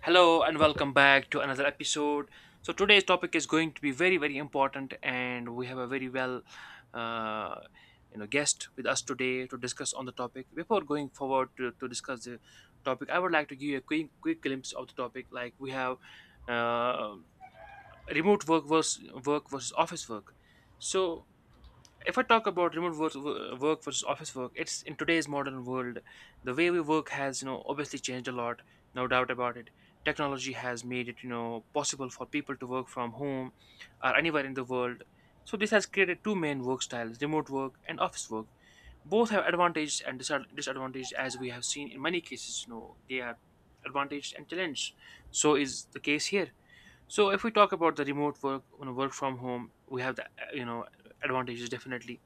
Hello and welcome back to another episode. So today's topic is going to be very very important, and we have a very uh, guest with us today to discuss on the topic. Before going forward to discuss the topic, I would like to give you a quick glimpse of the topic. Like we have uh, remote work versus office work. So if I talk about remote work, work versus office work, it's in today's modern world, the way we work has obviously changed a lot, no doubt about it. Technology has made it possible for people to work from home or anywhere in the world. So this has created two main work styles: remote work and office work. Both have advantages and disadvantages, as we have seen in many cases. They are advantages and challenges. So is the case here. So if we talk about the remote work, work from home, we have the advantages definitely,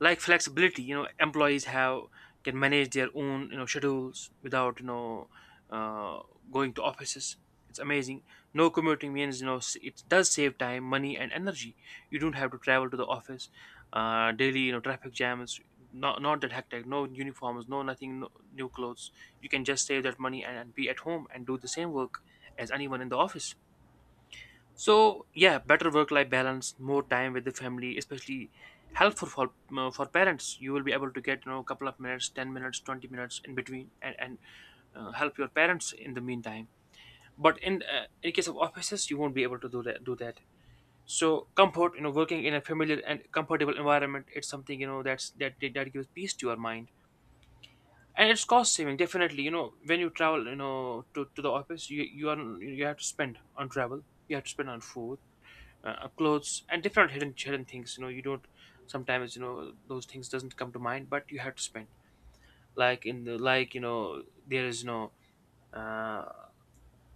like flexibility. Employees have can manage their own schedules without uh, going to offices. It's amazing. No commuting means it does save time, money and energy. You don't have to travel to the office daily. Traffic jams, not that hectic, no uniforms, no nothing, no new clothes. You can just save that money and be at home and do the same work as anyone in the office. So yeah, better work-life balance, more time with the family, especially helpful for parents. You will be able to get a couple of minutes, 10 minutes, 20 minutes in between, and help your parents in the meantime. But in case of offices, you won't be able to do that. Do that. So comfort, working in a familiar and comfortable environment, it's something that's that gives peace to your mind. And it's cost saving, definitely. You know, when you travel, to the office, you are you have to spend on travel, you have to spend on food, clothes and different hidden things. You don't sometimes, those things doesn't come to mind, but you have to spend, like in the like you know there is no uh,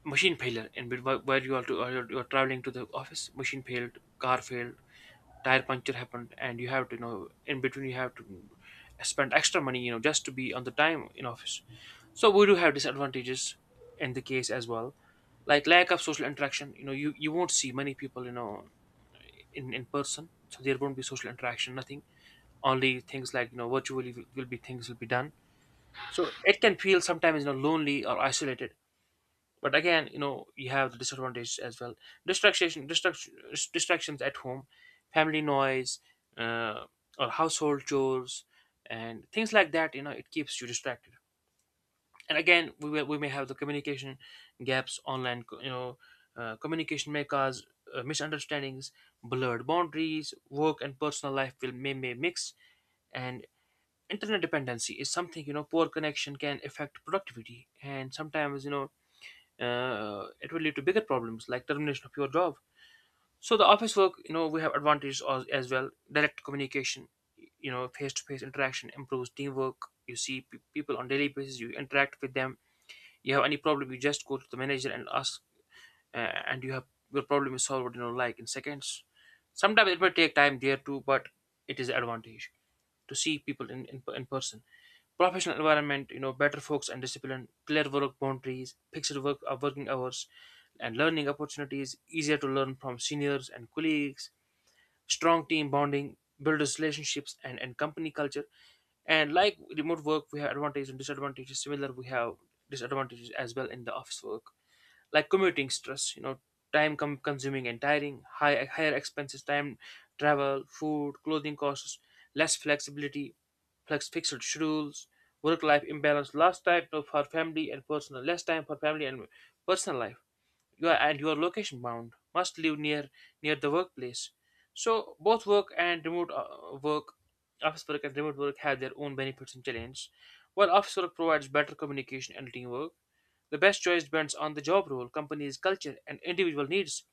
machine failure in bet- where you are to, you're traveling to the office. Machine failed, car failed, tire puncture happened, and you have to, in between you have to spend extra money, just to be on the time in office. So we do have disadvantages in the case as well, like lack of social interaction. You won't see many people, in person, so there won't be social interaction, nothing. Only things like, virtually will be, things will be done. So it can feel sometimes, lonely or isolated. But again, you have the disadvantages as well. Distraction, distractions at home, family noise, uh, or household chores and things like that. It keeps you distracted. And again, we may have the communication gaps. Online communication may cause misunderstandings, blurred boundaries. Work and personal life may mix. And internet dependency is something, poor connection can affect productivity, and sometimes, it will lead to bigger problems like termination of your job. So the office work, we have advantages as well. Direct communication, face-to-face interaction improves teamwork. You see people on daily basis, you interact with them. You have any problem, you just go to the manager and ask, uh, and you have, your problem is solved. You know, like in seconds. Sometimes it may take time there too, but it is an advantage to see people in person. Professional environment, better focus and discipline, clear work boundaries, fixed working hours, and learning opportunities. Easier to learn from seniors and colleagues. Strong team bonding builds relationships and company culture. And like remote work, we have advantages and disadvantages. Similar, we have disadvantages as well in the office work, like commuting stress. Time consuming and tiring, higher expenses, time, travel, food, clothing costs, less flexibility, flex fixed schedules, work life imbalance, less time for family and personal life. You are location bound, must live near the workplace. So both work and remote work office work and remote work have their own benefits and challenges. While office work provides better communication and teamwork, the best choice depends on the job role, company's culture and individual needs.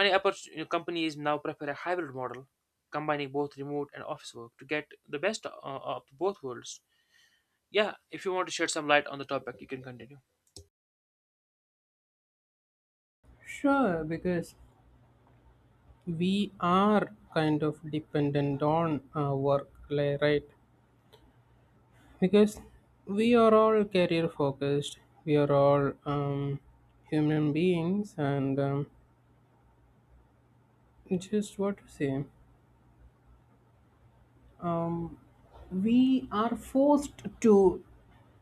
Many oppor- you know, Companies now prefer a hybrid model combining both remote and office work to get the best of both worlds. Yeah, if you want to shed some light on the topic, you can continue. Sure, because we are kind of dependent on work, right? Because we are all career focused, we are all human beings, and just what to say, um, we are forced to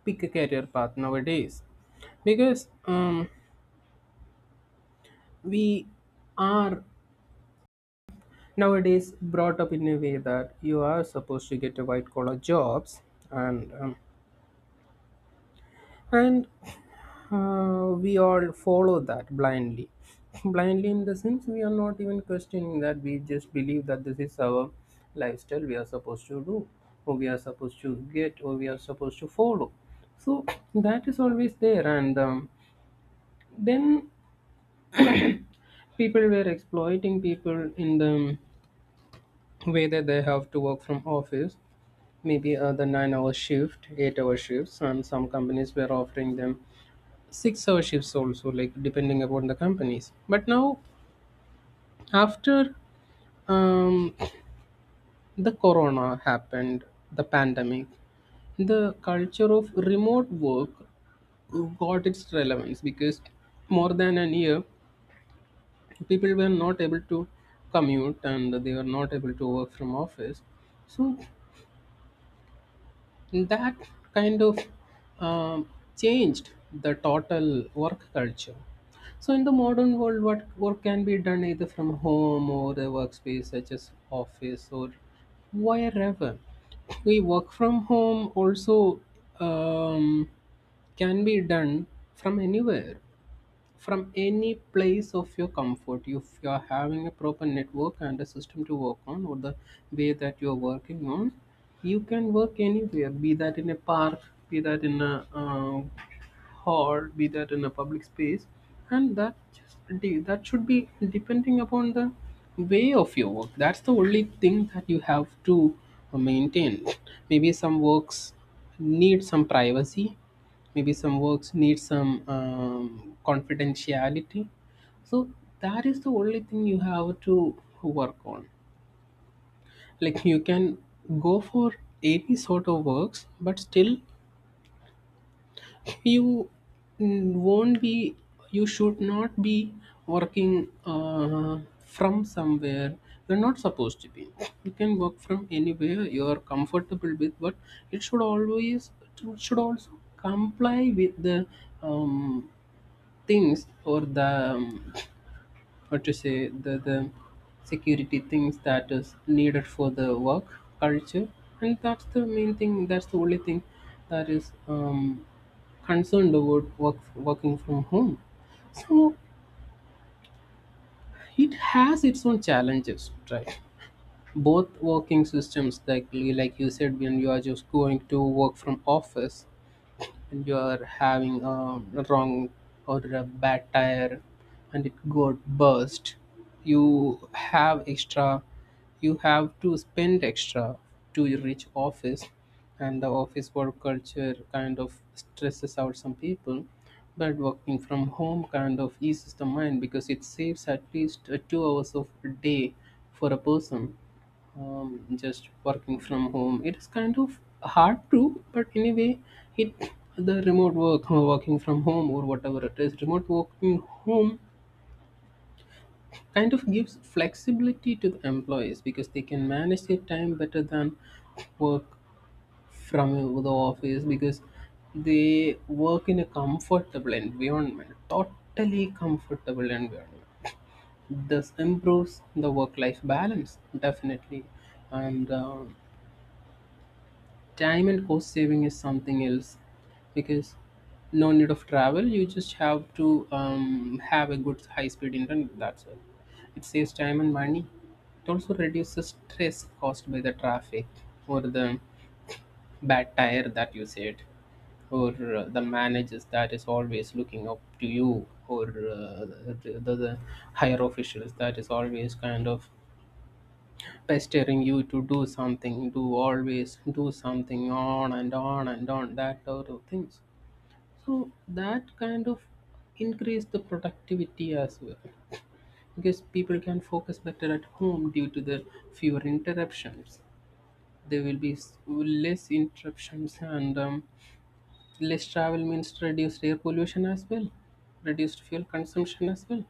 pick a career path nowadays because we are nowadays brought up in a way that you are supposed to get a white collar jobs and um, and we all follow that blindly blindly in the sense we are not even questioning that we just believe that this is our lifestyle we are supposed to do or we are supposed to get or we are supposed to follow. So that is always there, and then people were exploiting people in the way that they have to work from office, maybe the 9 hour shift, 8 hour shifts, and some companies were offering them 6 hour shifts also, like depending upon the companies. But now, after um, the corona happened, the pandemic, the culture of remote work got its relevance because more than a year people were not able to commute and they were not able to work from office. So that kind of um, changed the total work culture. So, in the modern world, what work can be done either from home or a workspace such as office or wherever. We work from home also, um, can be done from anywhere, from any place of your comfort, if you are having a proper network and a system to work on, or the way that you're working on, you can work anywhere, be that in a park, be that in a or be that in a public space. And that that should be depending upon the way of your work. That's the only thing that you have to maintain. Maybe some works need some privacy, maybe some works need some confidentiality. So that is the only thing you have to work on. Like, you can go for any sort of works, but still you won't be, you should not be working from somewhere you're not supposed to be. You can work from anywhere you are comfortable with, but it should always, it should also comply with the um, things, or the um, or to say the security things that is needed for the work culture. And that's the main thing, that's the only thing that is concerned about work, working from home. So it has its own challenges, right? Both working systems, like you said, when you are just going to work from office, you're having a wrong or a bad tire and it got burst, you have extra, you have to spend extra to reach office. And the office work culture kind of stresses out some people, but working from home kind of eases the mind because it saves at least 2 hours of a day for a person just working from home. It is kind of hard to, but anyway, it, the remote work, working from home, or whatever it is, remote working home, kind of gives flexibility to the employees because they can manage their time better than work from the office, because they work in a comfortable environment, totally comfortable environment. This improves the work-life balance definitely, and time and cost saving is something else, because no need of travel, you just have to have a good high speed internet, that's all. It saves time and money. It also reduces stress caused by the traffic, or the bad tire that you said, or the managers that is always looking up to you, or the higher officials that is always kind of pestering you to do something, do always do something on and on and on, that sort of things. So that kind of increase the productivity as well, because people can focus better at home due to the fewer interruptions. There will be less interruptions, and less travel means reduced air pollution as well, reduced fuel consumption as well.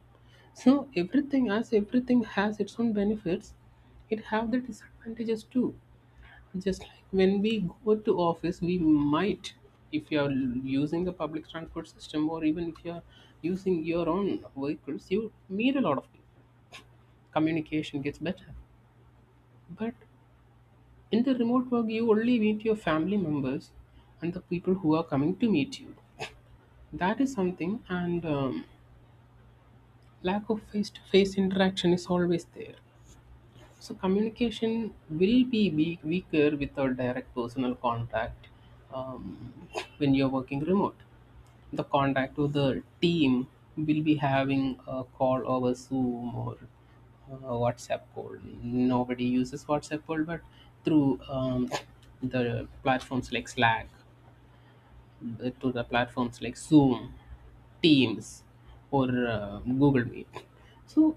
So everything, as everything has its own benefits, it have the disadvantages too. Just like when we go to office, we might, if you're using the public transport system or even if you're using your own vehicles, you meet a lot of people. Communication gets better. But in the remote work, you only meet your family members and the people who are coming to meet you. That is something, and lack of face to face interaction is always there. So communication will be weak, weaker without direct personal contact, um, when you're working remote. The contact with the team will be having a call over Zoom or WhatsApp call. Nobody uses WhatsApp call, but through the platforms like Slack, to the platforms like Zoom, Teams, or Google Meet. So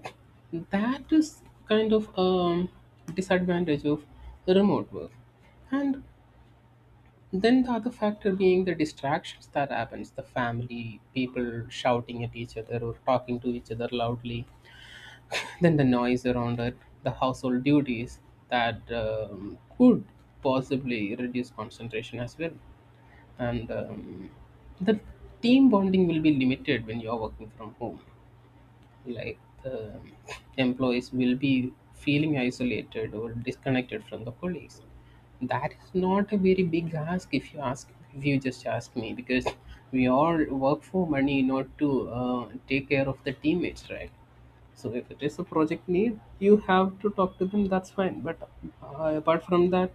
that is kind of disadvantage of remote work. And then the other factor being the distractions that happens, the family, people shouting at each other or talking to each other loudly, then the noise around it, the household duties that could possibly reduce concentration as well, and the team bonding will be limited when you are working from home, like, the employees will be feeling isolated or disconnected from the colleagues. That is not a very big ask, if you ask, if you just ask me, because we all work for money, not to take care of the teammates, right? So if it is a project need, you have to talk to them, that's fine, but apart from that,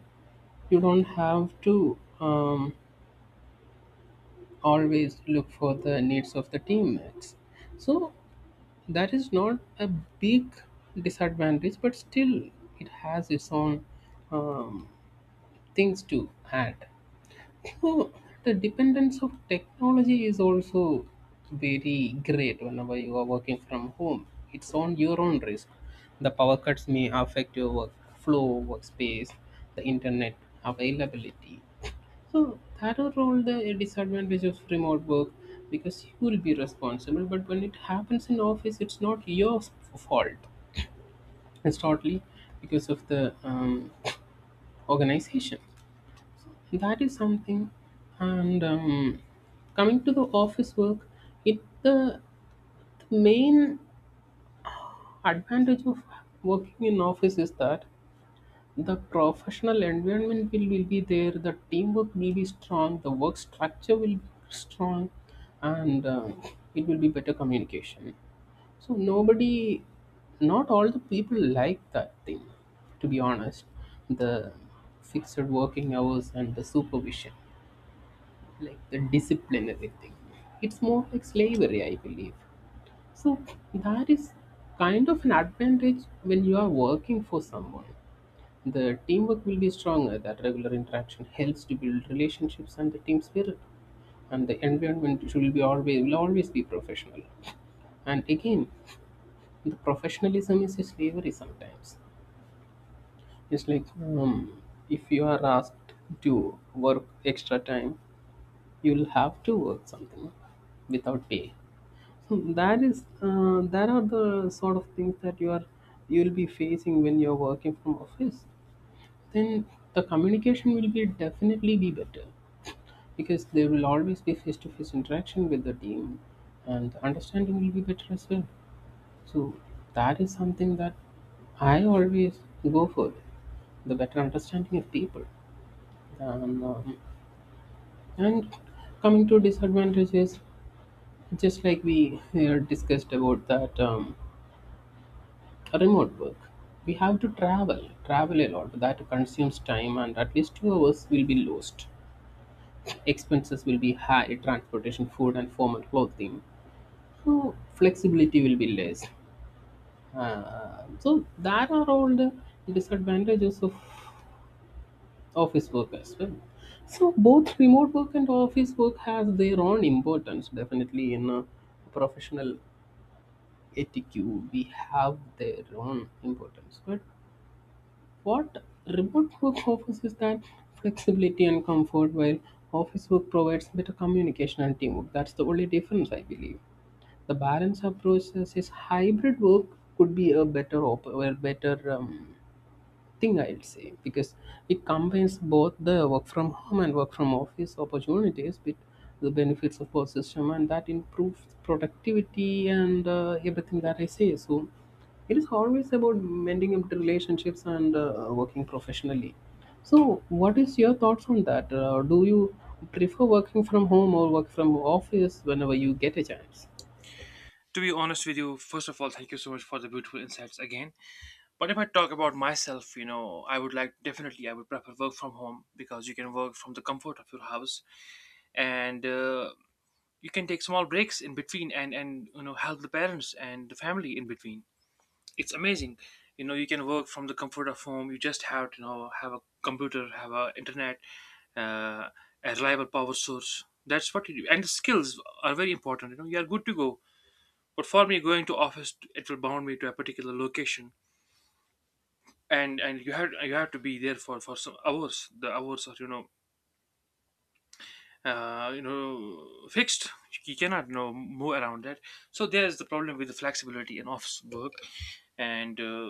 you don't have to um, always look for the needs of the teammates. So that is not a big disadvantage, but still it has its own um, things to add. So the dependence of technology is also very great whenever you are working from home. It's on your own risk. The power cuts may affect your workflow, workspace, the internet availability, so that overall the disadvantage of remote work, because you will be responsible. But when it happens in office, it's not your fault. It's totally because of the organization. That is something. And coming to the office work, it, the main advantage of working in office is that the professional environment will be there, the teamwork will be strong, the work structure will be strong, and it will be better communication. So nobody, not all the people like that thing, to be honest. The fixed working hours and the supervision, like the discipline, everything. It's more like slavery, I believe. So that is kind of an advantage when you are working for someone. The teamwork will be stronger. That regular interaction helps to build relationships and the team spirit. And the environment should be always, will always be professional. And again, the professionalism is a slavery sometimes. It's like if you are asked to work extra time, you'll have to work something without pay. So that is that are the sort of things that you are, you'll be facing when you're working from office. Then the communication will be definitely be better because there will always be face-to-face interaction with the team, and the understanding will be better as well. So that is something that I always go for, the better understanding of people. And and coming to disadvantages, just like we discussed about that, remote work, we have to travel a lot, that consumes time, and at least 2 hours will be lost. Expenses will be high, transportation, food, and formal clothing. So flexibility will be less. So that are all the disadvantages of office work as well. So both remote work and office work has their own importance. Definitely in a professional etiquette, we have their own importance. But what remote work offers is that flexibility and comfort, while office work provides better communication and teamwork. That's the only difference, I believe. The balance approach says hybrid work could be a better or better thing, I'd say, because it combines both the work from home and work from office opportunities with the benefits of both system, and that improves productivity and everything that I say. So it is always about mending up the relationships and working professionally. So what is your thoughts on that? Do you prefer working from home or work from office whenever you get a chance? To be honest with you, first of all, thank you so much for the beautiful insights again. But if I talk about myself, you know, I would like, definitely I would prefer work from home, because you can work from the comfort of your house, and you can take small breaks in between and help the parents and the family in between. It's amazing, you know. You can work from the comfort of home. You just have to, have a computer, have a internet, uh, a reliable power source. That's what you do, and the skills are very important. You know, you are good to go. But for me, going to office, it will bound me to a particular location, and you have to be there for some hours. The hours are, fixed. You cannot, move around that. So there's the problem with the flexibility in office work. and uh,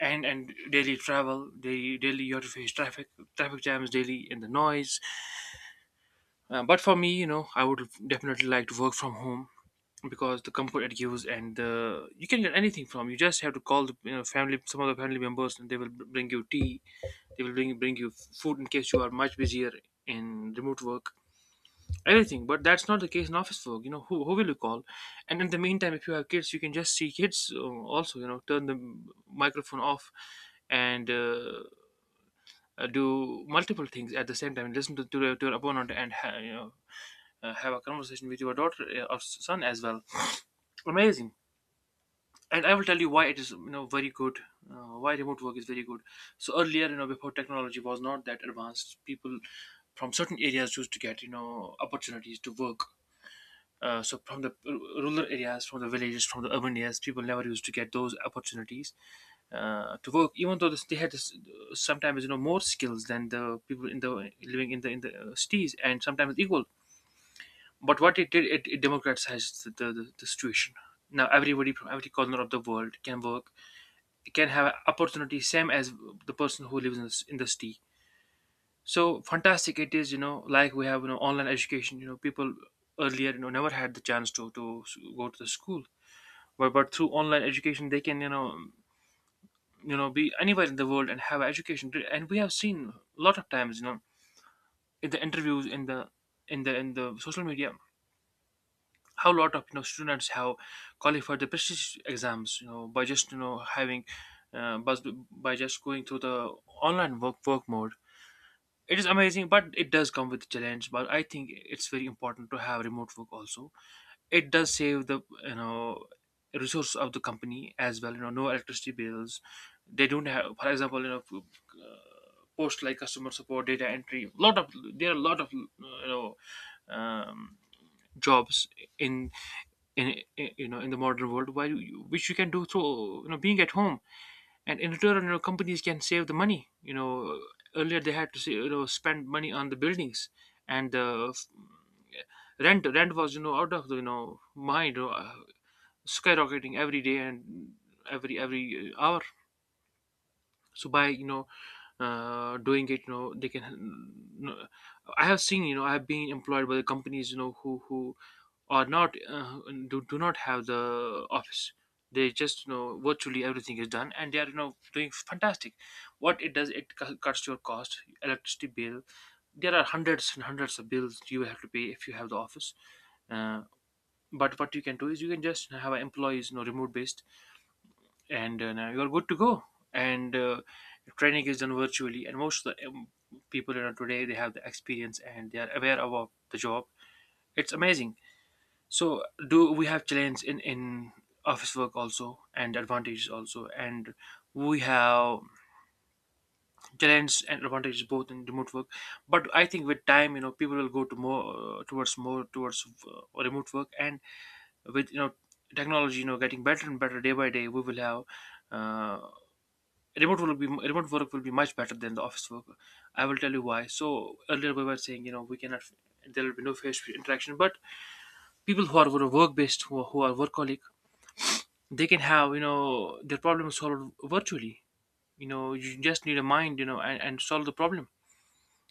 and and daily travel, daily you have to face traffic, traffic jams daily, and the noise. But for me, you know, I would definitely like to work from home, because the comfort it gives. And the, you can get anything from, you just have to call the, you know, family, some of the family members, and they will bring you tea, they will bring you food in case you are much busier in remote work, everything. But that's not the case in office work. You know, who will you call? And in the meantime, if you have kids, you can just see kids. Also, you know, turn the microphone off and do multiple things at the same time: listen to your opponent, and have a conversation with your daughter or son as well. Amazing. And I will tell you why it is, you know, very good, why remote work is very good. So earlier, you know, before, technology was not that advanced, people from certain areas used to get, you know, opportunities to work. So from the rural areas, from the villages, from the urban areas, people never used to get those opportunities to work, even though they had this, sometimes, you know, more skills than the people in the living in the cities, and sometimes equal. But what it did, it democratized the situation. Now everybody from every corner of the world can work, can have an opportunity, same as the person who lives in the city. So fantastic it is, you know, like we have, you know, online education. You know, people earlier, you know, never had the chance to, go to the school. But through online education they can, be anywhere in the world and have education. And we have seen a lot of times, you know, in the interviews, in the social media, how a lot of, you know, students have qualified the prestige exams, you know, by just, having, but by just going through the online work mode. It is amazing. But it does come with challenge. But I think it's very important to have remote work also. It does save the, you know, resources of the company as well. You know, no electricity bills. They don't have, for example, you know, post, like customer support, data entry. Lot of, there are a lot of, you know, um, jobs in in you know, in the modern world where which you can do through, you know, being at home. And in return, you know, companies can save the money. Earlier they had to say, spend money on the buildings and rent. Rent was out of the mind, skyrocketing every day and every hour. So by doing it, they can you I have seen, I have been employed by the companies, who are not, do not have the office. They just, virtually everything is done, and they are, doing fantastic. What it does, it cuts your cost, electricity bill. There are hundreds and hundreds of bills you have to pay if you have the office. uh, but what you can do is you can just have employees, remote based, and now you're good to go. And training is done virtually, and most of the people around today, they have the experience and they are aware about the job. It's amazing. So do we have challenges in office work also, and advantages also, and we have challenges and advantages both in remote work. But I think, with time, people will go to more, towards more, towards remote work. And with, technology, getting better and better day by day, we will have, uh, remote work will be much better than the office work. I will tell you why. So earlier we were saying, we cannot — there will be no face interaction, but people who are work based, who are workaholic, they can have, their problem solved virtually. You just need a mind, and solve the problem.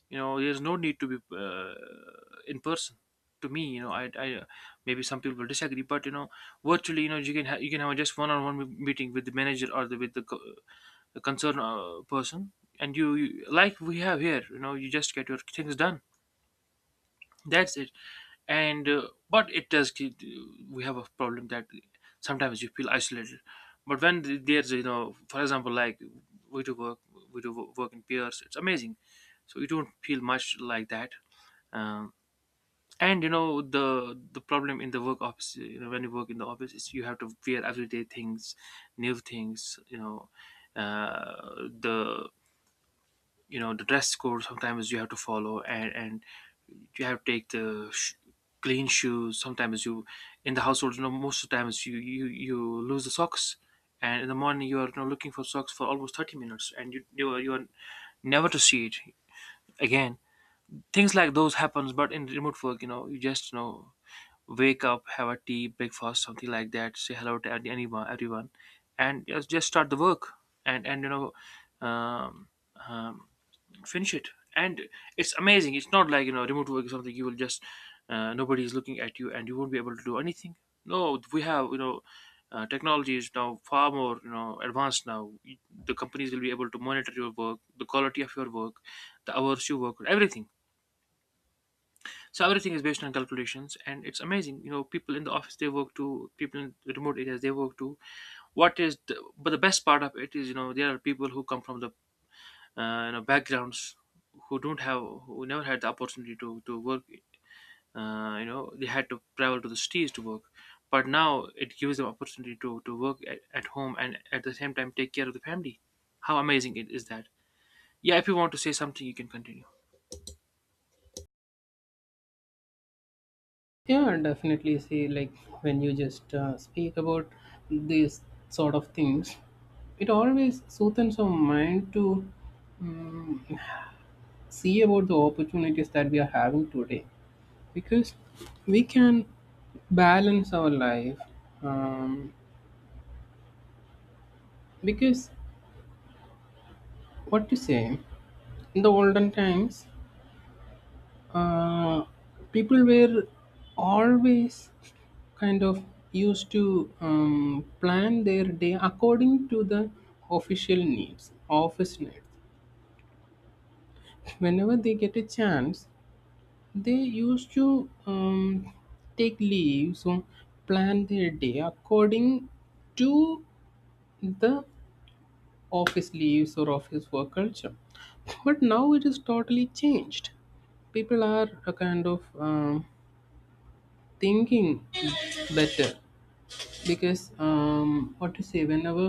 There's no need to be, in person. To me, I maybe some people will disagree, but, virtually, you can have just one-on-one meeting with the manager, or the with the co- a concerned person. And, you like we have here, you just get your things done. That's it. And uh, but it does get — we have a problem that sometimes you feel isolated. But when there's, for example, like, we do work, work in pairs. It's amazing, so you don't feel much like that. um, and, the problem in the work office, when you work in the office, is you have to wear everyday things, new things, the, the dress code sometimes you have to follow, and you have to take the clean shoes sometimes. You — in the household, most of the times you lose the socks. And in the morning you are, looking for socks for almost 30 minutes, and you are never to see it again. Things like those happens, but in remote work, you just, wake up, have a tea, breakfast, something like that, say hello to anyone, everyone, and just start the work. And and you know um, um, finish it. And it's amazing. It's not like, remote work is something you will just — nobody is looking at you and you won't be able to do anything. No, we have, technology is now far more, advanced now. The companies will be able to monitor your work, the quality of your work, the hours you work, everything. So everything is based on calculations, and it's amazing. People in the office, they work too. People in the remote areas, they work too. But the best part of it is, there are people who come from the, backgrounds, who don't have who never had the opportunity to work. They had to travel to the cities to work, but now it gives them opportunity to work at home, and at the same time take care of the family. How amazing it is that. Yeah, if you want to say something you can continue. Yeah, definitely. See, like, when you just speak about these sort of things, it always soothes our mind to um, see about the opportunities that we are having today, because we can balance our life. Um, because what to say, in the olden times, uh, people were always kind of used to plan their day according to the official needs, office needs. Whenever they get a chance, they used to take leaves or plan their day according to the office leaves or office work culture. But now it is totally changed. People are a kind of thinking better because what to say, whenever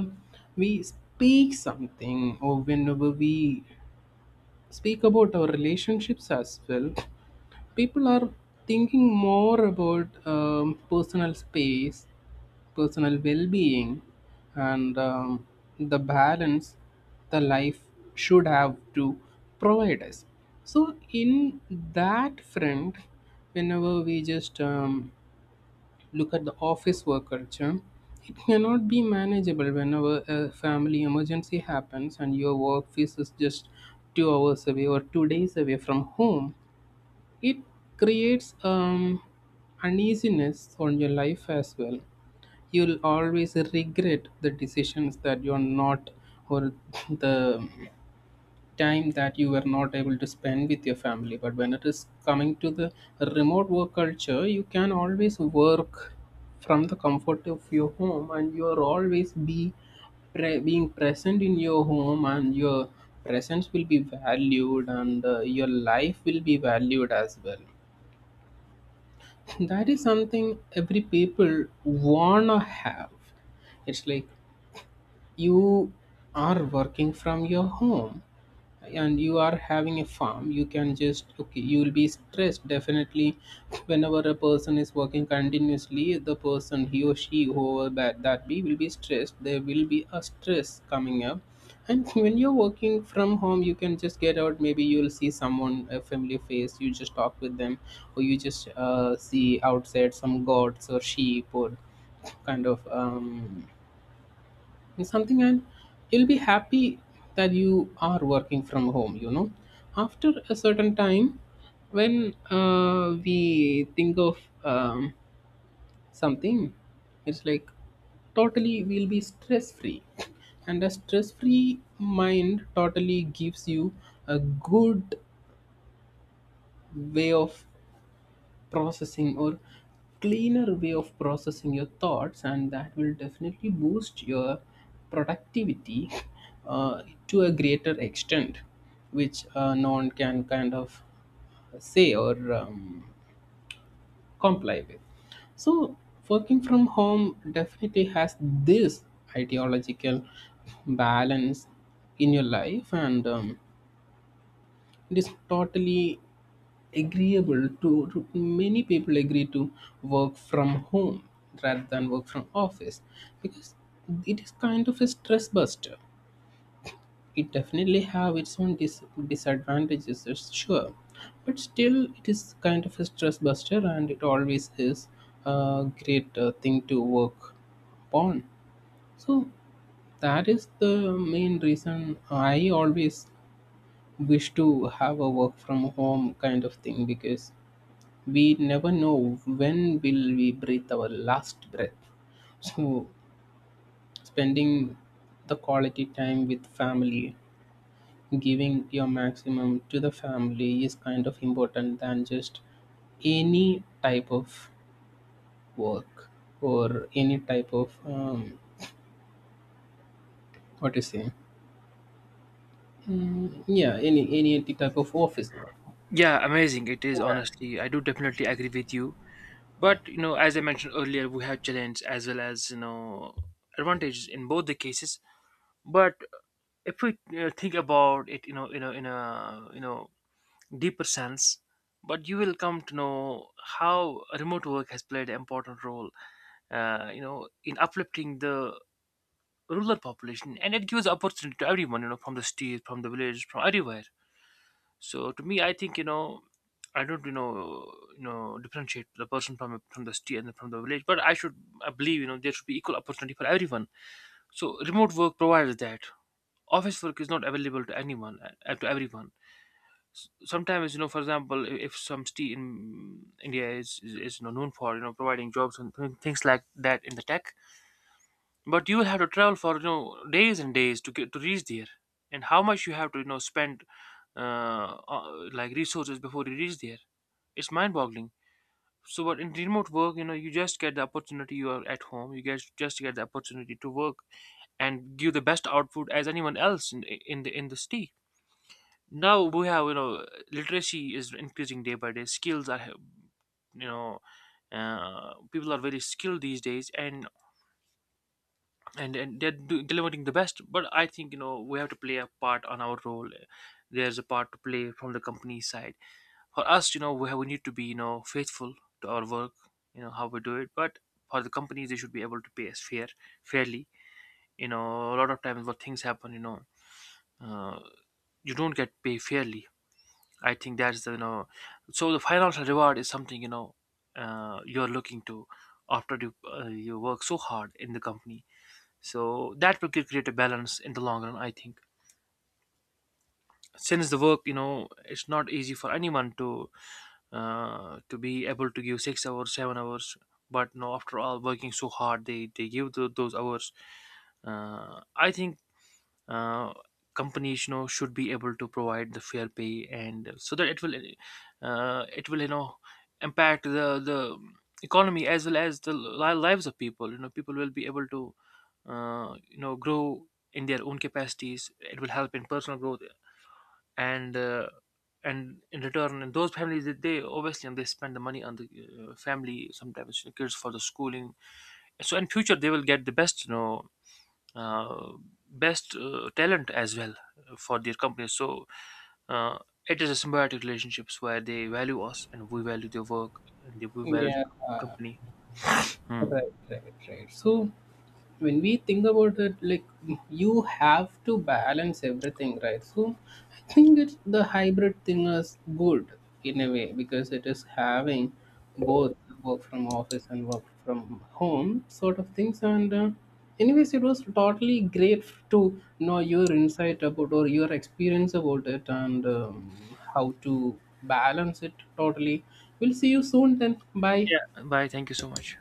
we speak something or whenever we speak about our relationships as well, people are thinking more about personal space, personal well-being, and the balance the life should have to provide us. So in that front, whenever we just look at the office work culture, it cannot be manageable whenever a family emergency happens and your office is just 2 hours away or 2 days away from home. It creates uneasiness on your life as well. You'll always regret the decisions that you're not or the time that you were not able to spend with your family. But when it is coming to the remote work culture, you can always work from the comfort of your home and you are always be being present in your home, and your presence will be valued and your life will be valued as well. That is something every people wanna have. It's like you are working from your home and you are having a farm, you can just okay you will be stressed definitely. Whenever a person is working continuously, the person, he or she whoever that be, will be stressed. There will be a stress coming up. And when you're working from home, you can just get out, maybe you'll see someone, a familiar face, you just talk with them, or you just see outside some goats or sheep or kind of it's something, and you'll be happy that you are working from home, you know, after a certain time when we think of um, something. It's like totally we'll be stress free, and a stress free mind totally gives you a good way of processing or cleaner way of processing your thoughts, and that will definitely boost your productivity uh, to a greater extent, which no one can kind of say or comply with. So working from home definitely has this ideological balance in your life, and it is totally agreeable to many people agree to work from home rather than work from office, because it is kind of a stress buster. It definitely have its own disadvantages, it's sure, but still it is kind of a stress buster and it always is a great thing to work upon. So that is the main reason I always wish to have a work from home kind of thing, because we never know when will we breathe our last breath. So spending the quality time with family, giving your maximum to the family is kind of important than just any type of work or any type of what to say, mm, yeah, any type of office work. Yeah, amazing it is, honestly. I do definitely agree with you, yeah but, as I mentioned earlier, we have challenges as well as, advantages in both the cases. But, if we you think about it, in a, deeper sense, but you will come to know how remote work has played an important role, in uplifting the rural population. And it gives opportunity to everyone, from the cities, from the village, from everywhere. So to me I think, I don't, differentiate the person from the city and from the village, but I should — I believe, there should be equal opportunity for everyone. So remote work provides that. Office work is not available to anyone, to everyone. Sometimes, for example, if some city in India is, known for, providing jobs and things like that in the tech, but you will have to travel for, days and days to get to reach there. And how much you have to, spend, uh, uh like, resources before you reach there. It's mind-boggling. So but in remote work, you just get the opportunity, you are at home, you guys just get the opportunity to work and give the best output as anyone else in the city. Now we have, literacy is increasing day by day, skills are, you know people are very skilled these days, and and they're delivering the best. But I think, we have to play a part on our role. There's a part to play from the company side. For us, we need to be, faithful to our work. You know how we do it, but for the companies, they should be able to pay us fairly. A lot of times what things happen, uh, you don't get paid fairly. I think that's the, so the financial reward is something, you're looking to after you work so hard in the company. So that will create a balance in the long run. I think, since the work, it's not easy for anyone to be able to give 6 hours, 7 hours. But no, after all, working so hard, they give those hours. I think, uh, companies, should be able to provide the fair pay, and so that it will, uh, it will you know impact the economy as well as the lives of people. People will be able to, grow in their own capacities. It will help in personal growth, and uh, and in return, and those families that they obviously and they spend the money on the, family, sometimes kids for the schooling. So in future they will get the best, uh, best talent as well for their companies. So, uh, it is a symbiotic relationships where they value us and we value their work, and we yeah value the yeah. uh, company. Hmm. right, right, right. So when we think about it, like, you have to balance everything, right? So I think it's the hybrid thing is good in a way, because it is having both work from office and work from home sort of things. And anyways, it was totally great to know your insight about or your experience about it, and how to balance it totally. We'll see you soon then. Bye. Yeah. Bye. Thank you so much.